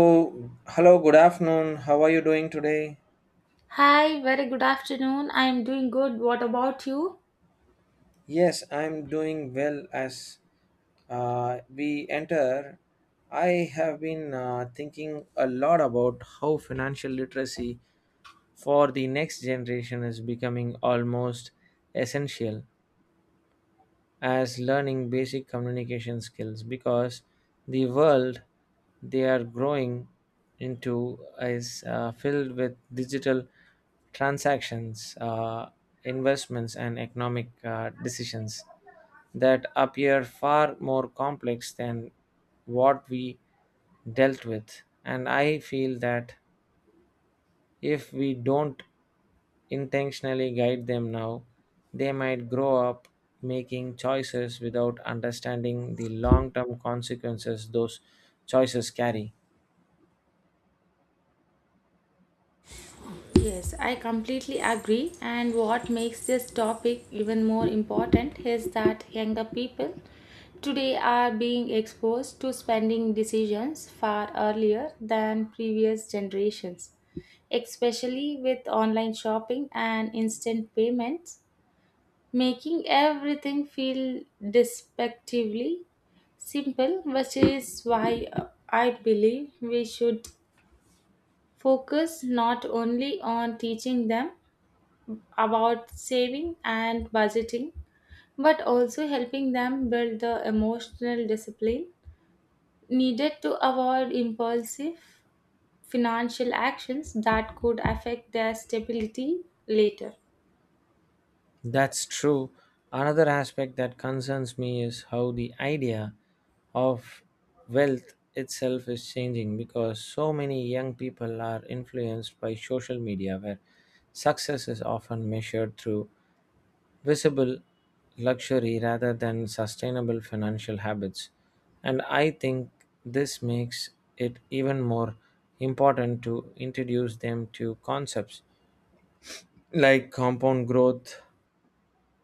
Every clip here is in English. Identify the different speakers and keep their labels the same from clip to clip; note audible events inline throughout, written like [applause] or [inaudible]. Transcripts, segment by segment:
Speaker 1: Oh, hello, good afternoon. How are you doing today?
Speaker 2: Hi, very good afternoon. I am doing good. What about you?
Speaker 1: Yes, I'm doing well as we enter. I have been thinking a lot about how financial literacy for the next generation is becoming almost essential. As learning basic communication skills because the world they are growing into is filled with digital transactions, investments, and economic decisions that appear far more complex than what we dealt with. And I feel that if we don't intentionally guide them now, they might grow up making choices without understanding the long term consequences those choices carry.
Speaker 2: Yes, I completely agree. And what makes this topic even more important is that younger people today are being exposed to spending decisions far earlier than previous generations, especially with online shopping and instant payments, making everything feel despectively simple, which is why I believe we should focus not only on teaching them about saving and budgeting, but also helping them build the emotional discipline needed to avoid impulsive financial actions that could affect their stability later.
Speaker 1: That's true. Another aspect that concerns me is how the idea of wealth itself is changing because so many young people are influenced by social media where success is often measured through visible luxury rather than sustainable financial habits. And I think this makes it even more important to introduce them to concepts like compound growth,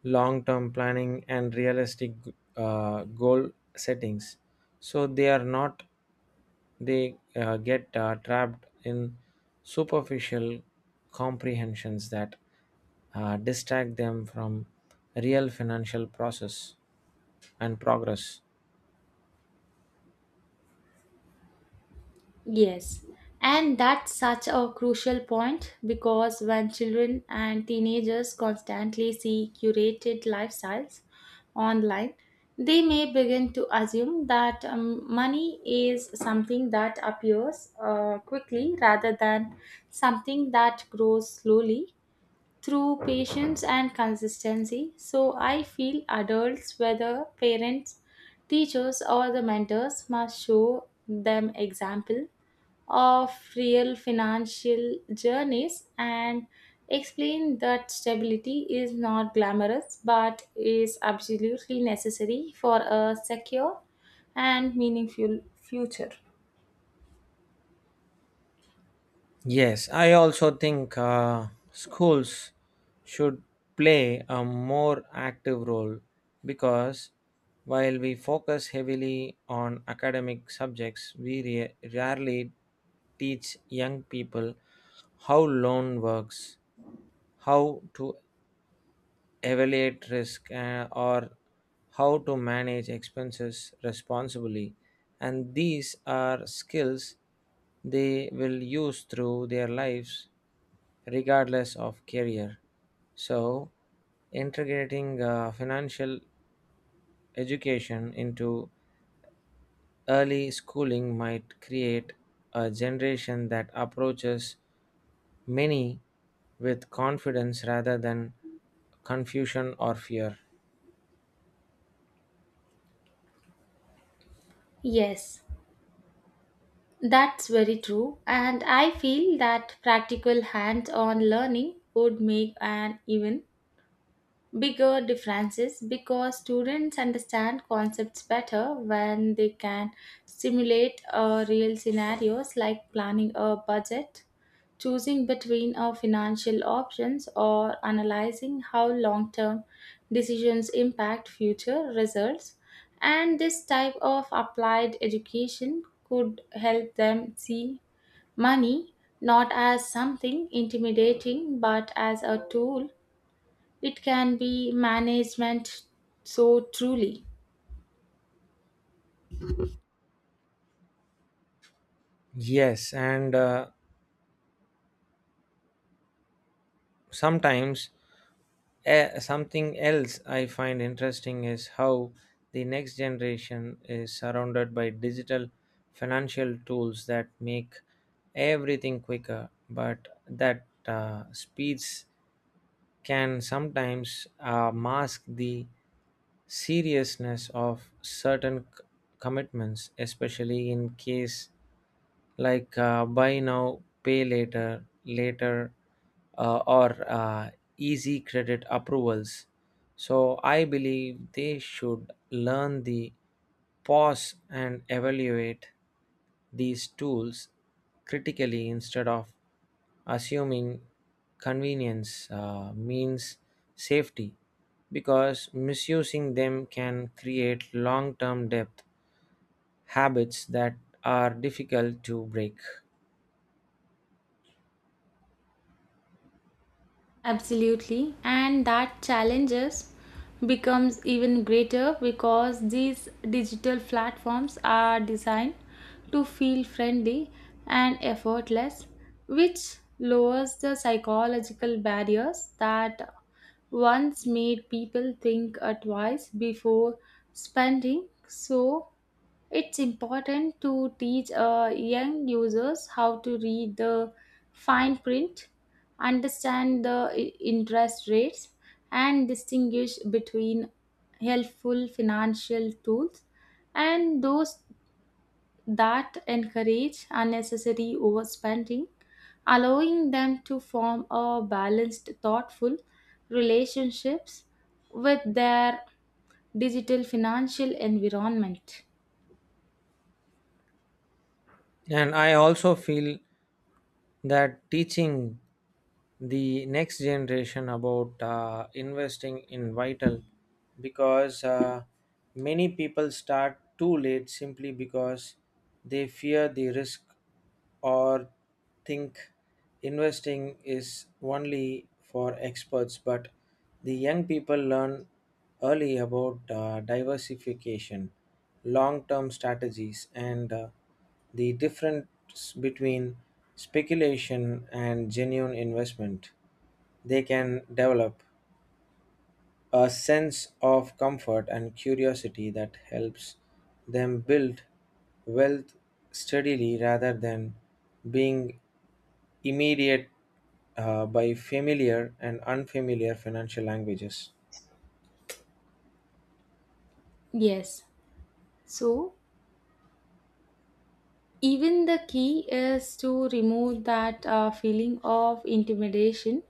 Speaker 1: long term planning, and realistic goal settings. So they are not, they get trapped in superficial comprehensions that distract them from real financial process and progress.
Speaker 2: Yes, and that's such a crucial point because when children and teenagers constantly see curated lifestyles online, they may begin to assume that money is something that appears quickly rather than something that grows slowly through patience and consistency. So I feel adults, whether parents, teachers, or the mentors, must show them example of real financial journeys and explain that stability is not glamorous but is absolutely necessary for a secure and meaningful future.
Speaker 1: Yes, I also think schools should play a more active role because while we focus heavily on academic subjects, rarely teach young people how loan works, how to evaluate risk or how to manage expenses responsibly, and these are skills they will use through their lives regardless of career. So integrating financial education into early schooling might create a generation that approaches many with confidence rather than confusion or fear.
Speaker 2: Yes, that's very true. And I feel that practical hands on learning would make an even bigger differences because students understand concepts better when they can simulate real scenarios like planning a budget, choosing between financial options, or analyzing how long term decisions impact future results. And this type of applied education could help them see money not as something intimidating but as a tool it can be management so truly.
Speaker 1: Yes, and sometimes something else I find interesting is how the next generation is surrounded by digital financial tools that make everything quicker, but that speeds can sometimes mask the seriousness of certain commitments, especially in case like buy now, pay later, later, or easy credit approvals. So I believe they should learn the pause and evaluate these tools critically instead of assuming convenience means safety, because misusing them can create long term debt habits that are difficult to break.
Speaker 2: Absolutely. And that challenges becomes even greater because these digital platforms are designed to feel friendly and effortless, which lowers the psychological barriers that once made people think twice before spending. So it's important to teach young users how to read the fine print, understand the interest rates, and distinguish between helpful financial tools and those that encourage unnecessary overspending, allowing them to form a balanced, thoughtful relationships with their digital financial environment.
Speaker 1: And I also feel that teaching the next generation about investing in vital, because many people start too late simply because they fear the risk or think investing is only for experts, but the young people learn early about diversification, long term strategies, and the difference between speculation and genuine investment. They can develop a sense of comfort and curiosity that helps them build wealth steadily rather than being immediate by familiar and unfamiliar financial languages.
Speaker 2: Yes. So, even the key is to remove that feeling of intimidation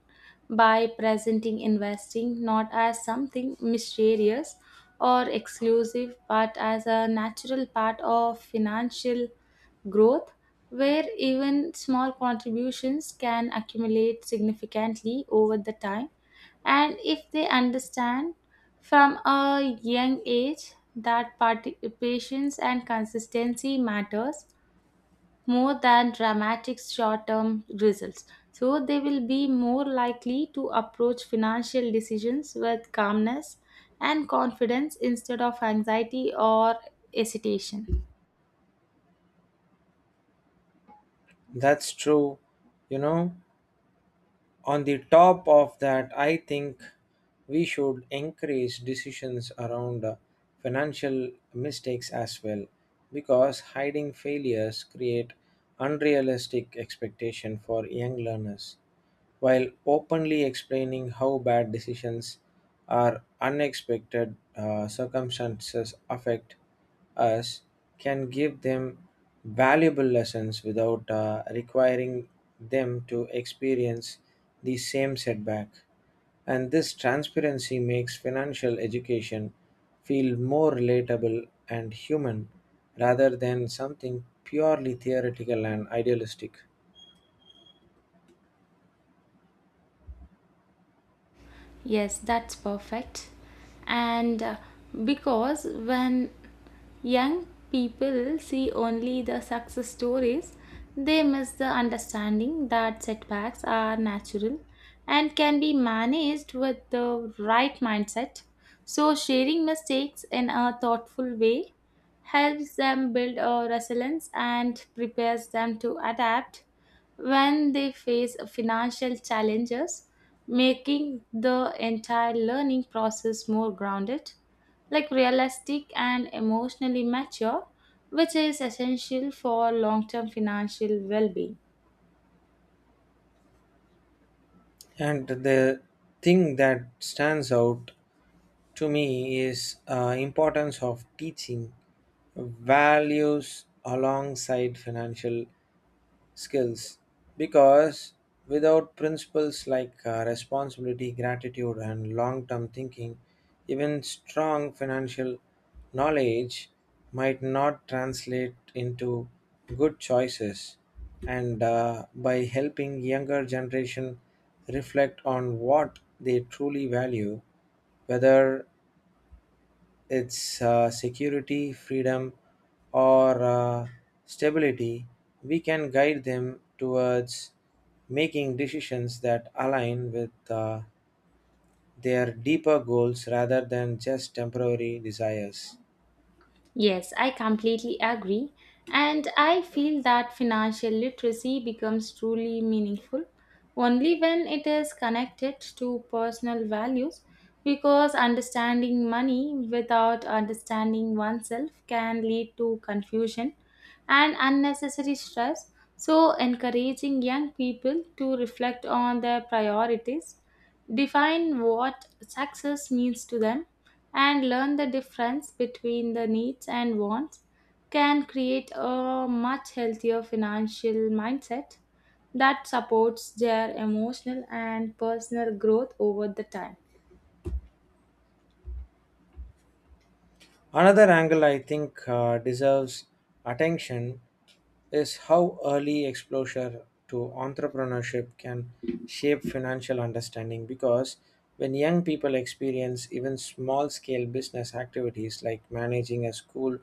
Speaker 2: by presenting investing not as something mysterious or exclusive but as a natural part of financial growth where even small contributions can accumulate significantly over the time and if they understand from a young age that participations and consistency matters more than dramatic short term results. So, they will be more likely to approach financial decisions with calmness and confidence instead of anxiety or hesitation.
Speaker 1: That's true, you know. On the top of that, I think we should encourage decisions around financial mistakes as well, because hiding failures create unrealistic expectation for young learners, while openly explaining how bad decisions or unexpected circumstances affect us can give them valuable lessons without requiring them to experience the same setback. And this transparency makes financial education feel more relatable and human rather than something purely theoretical and idealistic.
Speaker 2: Yes, that's perfect. And because when young people see only the success stories, they miss the understanding that setbacks are natural and can be managed with the right mindset. So, sharing mistakes in a thoughtful way helps them build a resilience and prepares them to adapt when they face financial challenges, making the entire learning process more grounded, like realistic and emotionally mature, which is essential for long term financial well being.
Speaker 1: And the thing that stands out to me is importance of teaching values alongside financial skills, because without principles like responsibility, gratitude, and long-term thinking, even strong financial knowledge might not translate into good choices. And by helping younger generation reflect on what they truly value, whether its security, freedom, or stability, we can guide them towards making decisions that align with their deeper goals rather than just temporary desires.
Speaker 2: Yes, I completely agree. And I feel that financial literacy becomes truly meaningful only when it is connected to personal values, because understanding money without understanding oneself can lead to confusion and unnecessary stress. So, encouraging young people to reflect on their priorities define what success means to them, and learn the difference between the needs and wants can create a much healthier financial mindset that supports their emotional and personal growth over the time.
Speaker 1: Another angle I think deserves attention is how early exposure to entrepreneurship can shape financial understanding, because when young people experience even small scale business activities like managing a school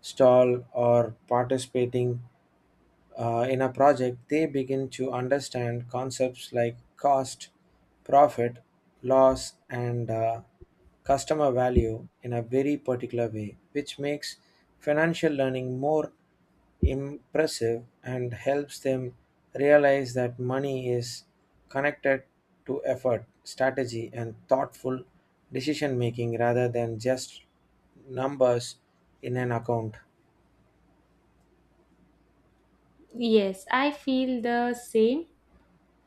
Speaker 1: stall or participating in a project, they begin to understand concepts like cost, profit, loss, and customer value in a very particular way, which makes financial learning more impressive and helps them realize that money is connected to effort, strategy, and thoughtful decision making rather than just numbers in an account.
Speaker 2: Yes, I feel the same.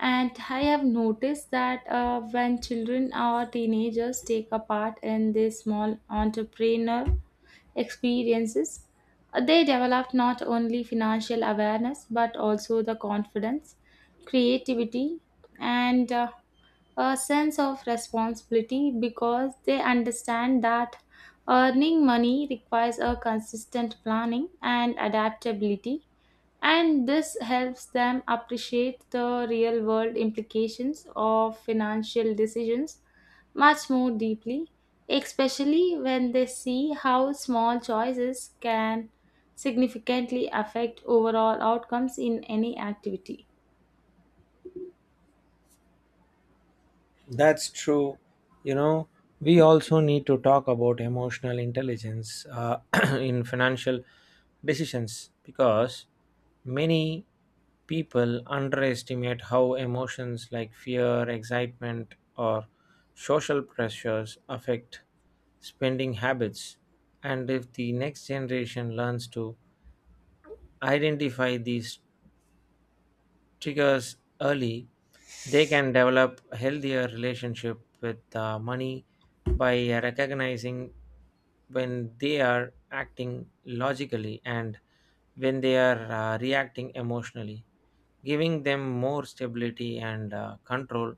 Speaker 2: And I have noticed that when children or teenagers take a part in this small entrepreneur experiences, they developed not only financial awareness but also the confidence, creativity, and a sense of responsibility because they understand that earning money requires a consistent planning and adaptability and this helps them appreciate the real world implications of financial decisions much more deeply, especially when they see how small choices can significantly affect overall outcomes in any activity.
Speaker 1: That's true. You know, we also need to talk about emotional intelligence [clears throat] in financial decisions, because many people underestimate how emotions like fear, excitement, or social pressures affect spending habits. And if the next generation learns to identify these triggers early, they can develop a healthier relationship with money by recognizing when they are acting logically and when they are reacting emotionally. Giving them more stability and control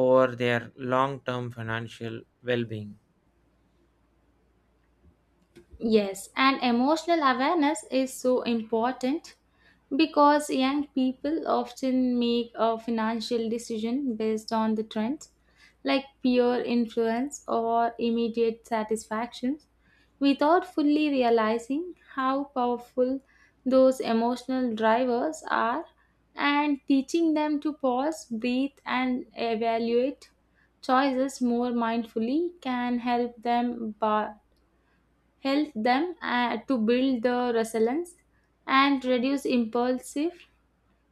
Speaker 1: over their long term financial well being.
Speaker 2: Yes, and emotional awareness is so important because young people often make a financial decision based on the trends like peer influence or immediate satisfactions without fully realizing how powerful those emotional drivers are and teaching them to pause, breathe and evaluate choices more mindfully can help them to build the resilience and reduce impulsive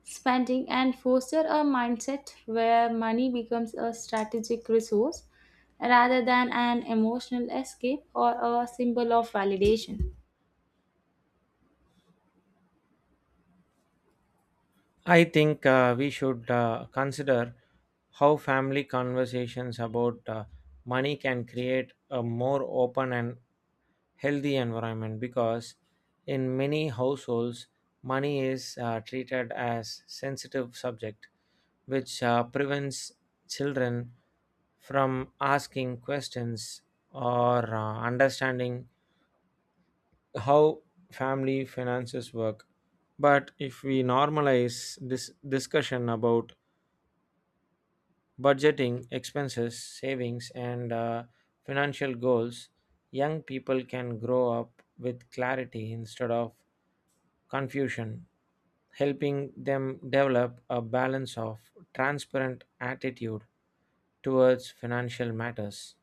Speaker 2: spending and foster a mindset where money becomes a strategic resource rather than an emotional escape or a symbol of validation.
Speaker 1: I think we should consider how family conversations about money can create a more open and healthy environment, because in many households money is treated as sensitive subject, which prevents children from asking questions or understanding how family finances work. But if we normalize this discussion about budgeting, expenses, savings, and financial goals, young people can grow up with clarity instead of confusion, helping them develop a balance of transparent attitude towards financial matters.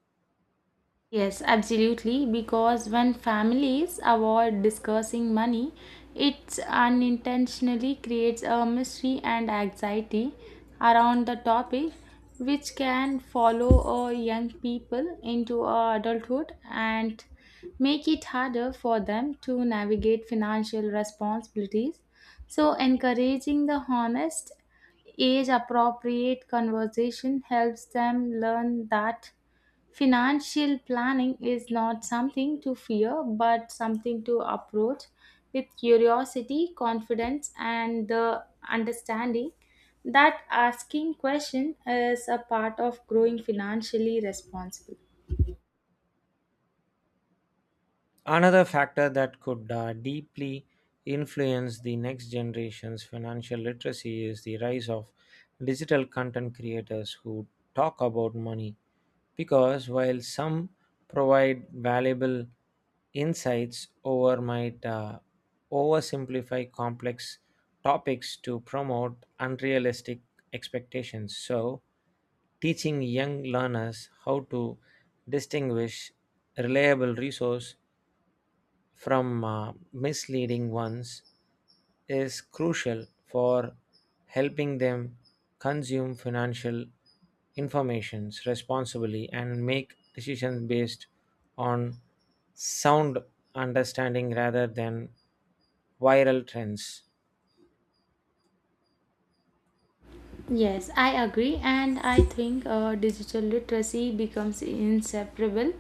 Speaker 2: Yes, absolutely. Because when families avoid discussing money, it unintentionally creates a mystery and anxiety around the topic, which can follow young people into adulthood and make it harder for them to navigate financial responsibilities. So, encouraging the honest, age appropriate conversation helps them learn that financial planning is not something to fear, but something to approach with curiosity, confidence, and the understanding that asking questions is a part of growing financially responsible.
Speaker 1: Another factor that could deeply influence the next generation's financial literacy is the rise of digital content creators who talk about money. Because while some provide valuable insights, over might oversimplify complex topics to promote unrealistic expectations. So, teaching young learners how to distinguish reliable resource from misleading ones is crucial for helping them consume financial informations responsibly and make decisions based on sound understanding rather than viral trends.
Speaker 2: Yes, I agree, and I think digital literacy becomes inseparable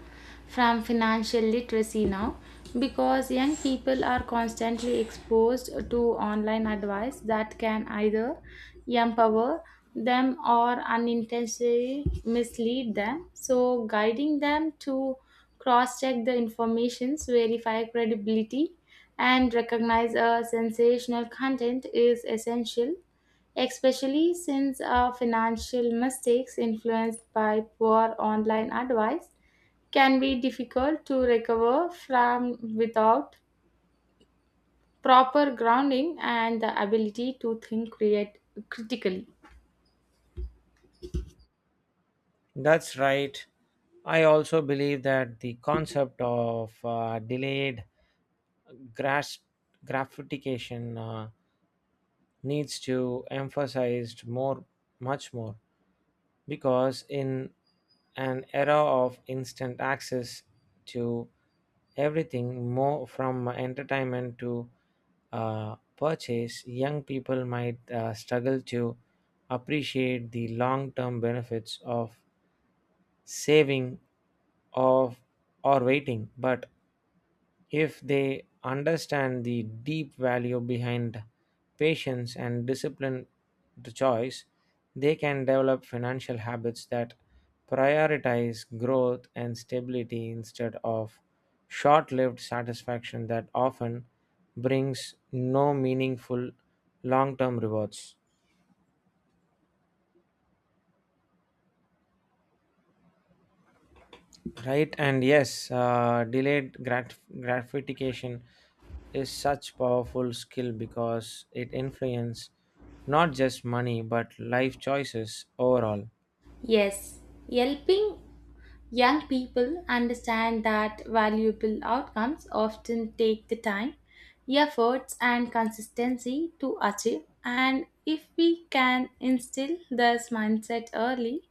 Speaker 2: from financial literacy now because young people are constantly exposed to online advice that can either empower them or unintentionally mislead them. So, guiding them to cross check the informations, verify credibility, and recognize a sensational content is essential especially since financial mistakes influenced by poor online advice can be difficult to recover from without proper grounding and the ability to think create critically.
Speaker 1: That's right. I also believe that the concept of delayed gras- gratification needs to emphasized more, much more, because in an era of instant access to everything more, from entertainment to purchase, young people might struggle to appreciate the long-term benefits of saving of or waiting. But if they understand the deep value behind patience and discipline to choice, they can develop financial habits that prioritize growth and stability instead of short-lived satisfaction that often brings no meaningful long-term rewards. Right, and yes, delayed gratification is such powerful skill because it influences not just money but life choices overall.
Speaker 2: Yes, helping young people understand that valuable outcomes often take the time, efforts, and consistency to achieve. And if we can instill this mindset early,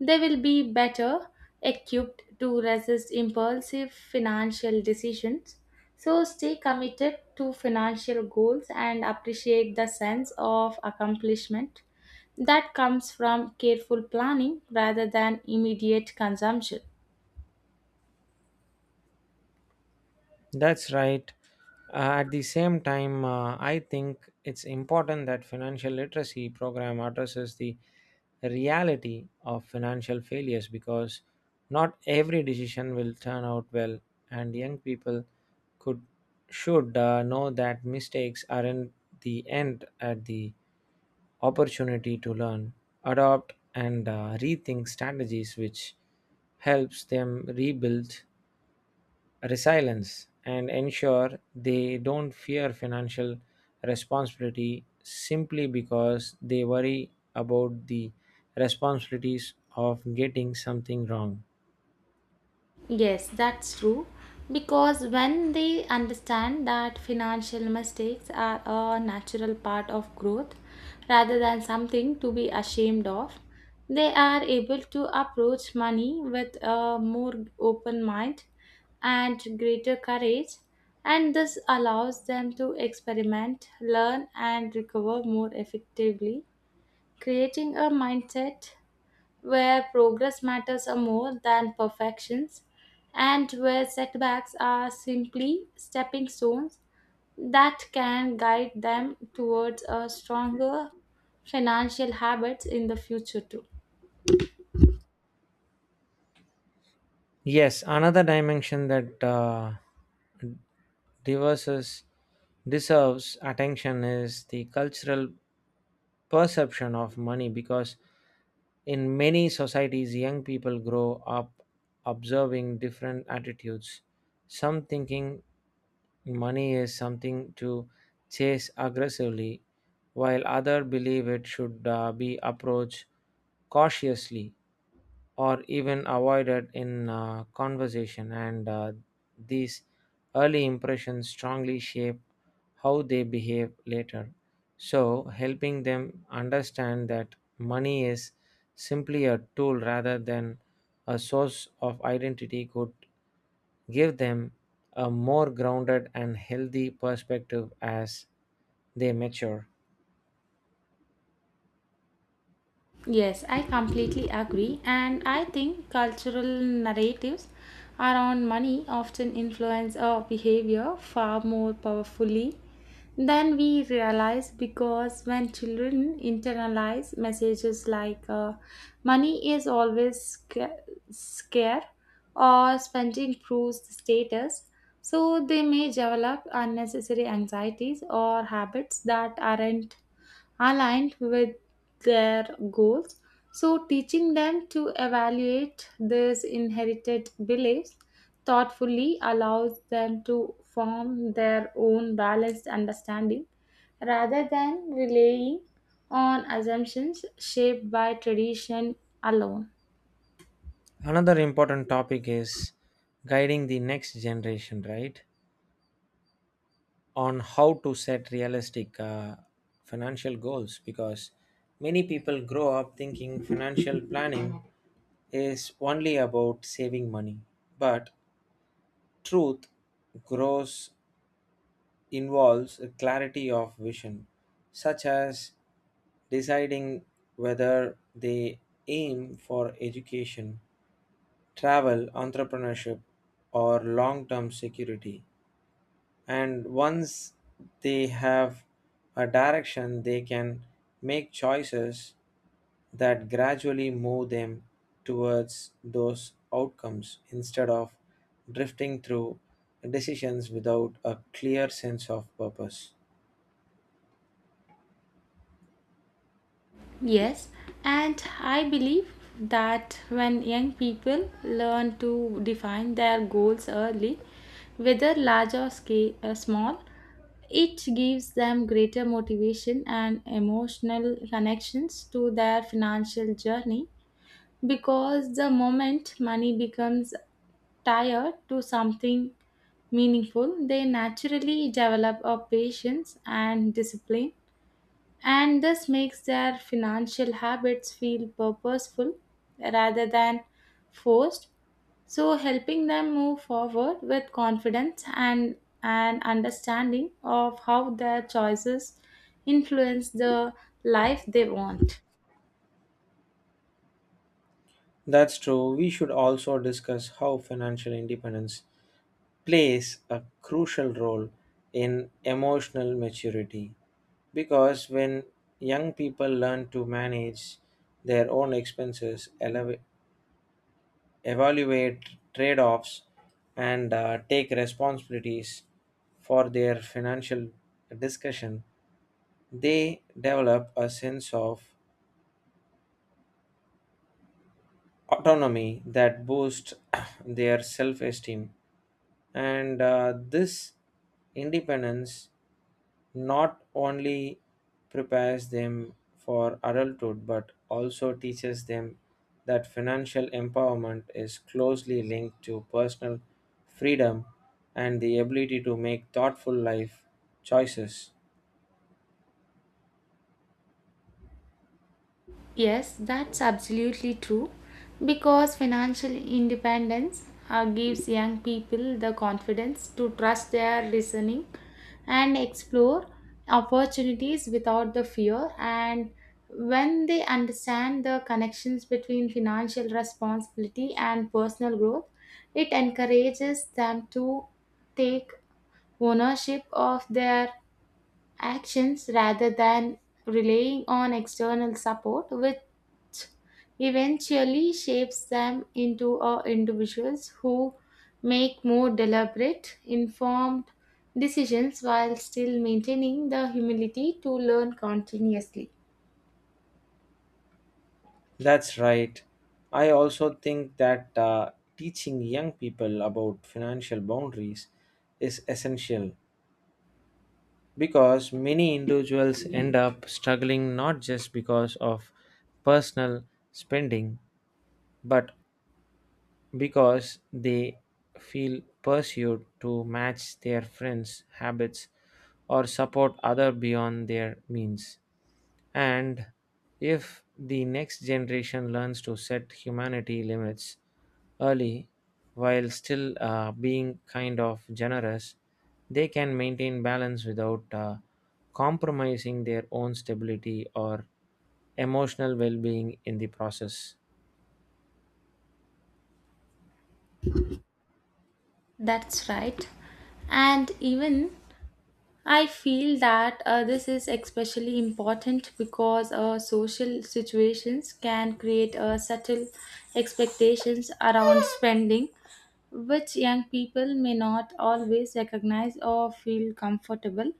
Speaker 2: they will be better equipped to resist impulsive financial decisions. So stay committed to financial goals and appreciate the sense of accomplishment that comes from careful planning rather than immediate consumption.
Speaker 1: That's right. At the same time, I think it's important that financial literacy program addresses the reality of financial failures, because not every decision will turn out well, and young people could should know that mistakes aren't the end at the opportunity to learn, adopt, and rethink strategies, which helps them rebuild resilience and ensure they don't fear financial responsibility simply because they worry about the responsibilities of getting something wrong.
Speaker 2: Yes, that's true. Because when they understand that financial mistakes are a natural part of growth rather than something to be ashamed of, they are able to approach money with a more open mind and greater courage, and this allows them to experiment, learn, and recover more effectively, creating a mindset where progress matters are more than perfections, and where setbacks are simply stepping stones that can guide them towards a stronger financial habits in the future too.
Speaker 1: Yes, another dimension that devices deserves attention is the cultural perception of money, because in many societies young people grow up observing different attitudes, some thinking money is something to chase aggressively, while others believe it should be approached cautiously or even avoided in conversation. And these early impressions strongly shape how they behave later. So, helping them understand that money is simply a tool rather than a source of identity could give them a more grounded and healthy perspective as they mature.
Speaker 2: Yes, I completely agree. And I think cultural narratives around money often influence our behavior far more powerfully than we realize because when children internalize messages like uh, money is always scarce or spending proves the status, so they may develop unnecessary anxieties or habits that aren't aligned with their goals. So, teaching them to evaluate these inherited beliefs thoughtfully allows them to form their own balanced understanding rather than relying on assumptions shaped by tradition alone.
Speaker 1: Another important topic is guiding the next generation, right? On how to set realistic financial goals, because many people grow up thinking financial planning is only about saving money. But truth grows involves a clarity of vision, such as deciding whether they aim for education, travel, entrepreneurship, or long term security. And once they have a direction, they can make choices that gradually move them towards those outcomes instead of drifting through decisions without a clear sense of purpose.
Speaker 2: Yes, and I believe that when young people learn to define their goals early, whether large or scale, small, it gives them greater motivation and emotional connections to their financial journey because the moment money becomes tied to something meaningful, they naturally develop a patience and discipline and this makes their financial habits feel purposeful rather than forced so helping them move forward with confidence and an understanding of how their choices influence the life they want.
Speaker 1: That's true. We should also discuss how financial independence plays a crucial role in emotional maturity, because when young people learn to manage their own expenses, evaluate trade offs, and take responsibilities for their financial discussion, they develop a sense of autonomy that boosts [coughs] [clears throat] their self esteem. And this independence not only prepares them for adulthood but also teaches them that financial empowerment is closely linked to personal freedom and the ability to make thoughtful life choices.
Speaker 2: Yes, that's absolutely true because financial independence gives young people the confidence to trust their listening and explore opportunities without the fear. And when they understand the connections between financial responsibility and personal growth, it encourages them to take ownership of their actions rather than relying on external support, which eventually shapes them into individuals who make more deliberate, informed decisions while still maintaining the humility to learn continuously.
Speaker 1: That's right. I also think that teaching young people about financial boundaries is essential, because many individuals end up struggling not just because of personal spending but because they feel pursued to match their friends' habits or support others beyond their means. And if the next generation learns to set humanity limits early while still being kind of generous, they can maintain balance without compromising their own stability or emotional well being in the process.
Speaker 2: That's right. And even I feel that this is especially important because social situations can create subtle expectations around spending, which young people may not always recognize or feel comfortable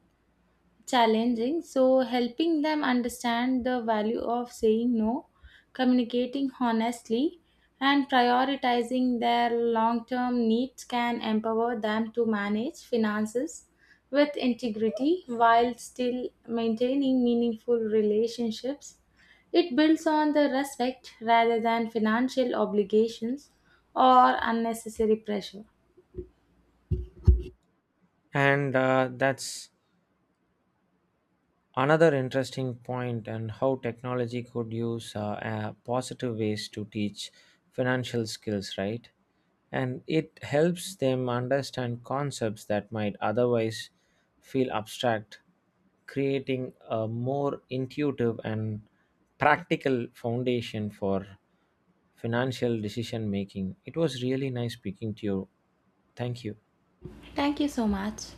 Speaker 2: challenging. So, helping them understand the value of saying no, communicating honestly, and prioritizing their long term needs can empower them to manage finances with integrity while still maintaining meaningful relationships. It builds on the respect rather than financial obligations or unnecessary pressure.
Speaker 1: And that's another interesting point, and how technology could use positive ways to teach financial skills, right? And it helps them understand concepts that might otherwise feel abstract, creating a more intuitive and practical foundation for financial decision making. It was really nice speaking to you. Thank you.
Speaker 2: Thank you so much.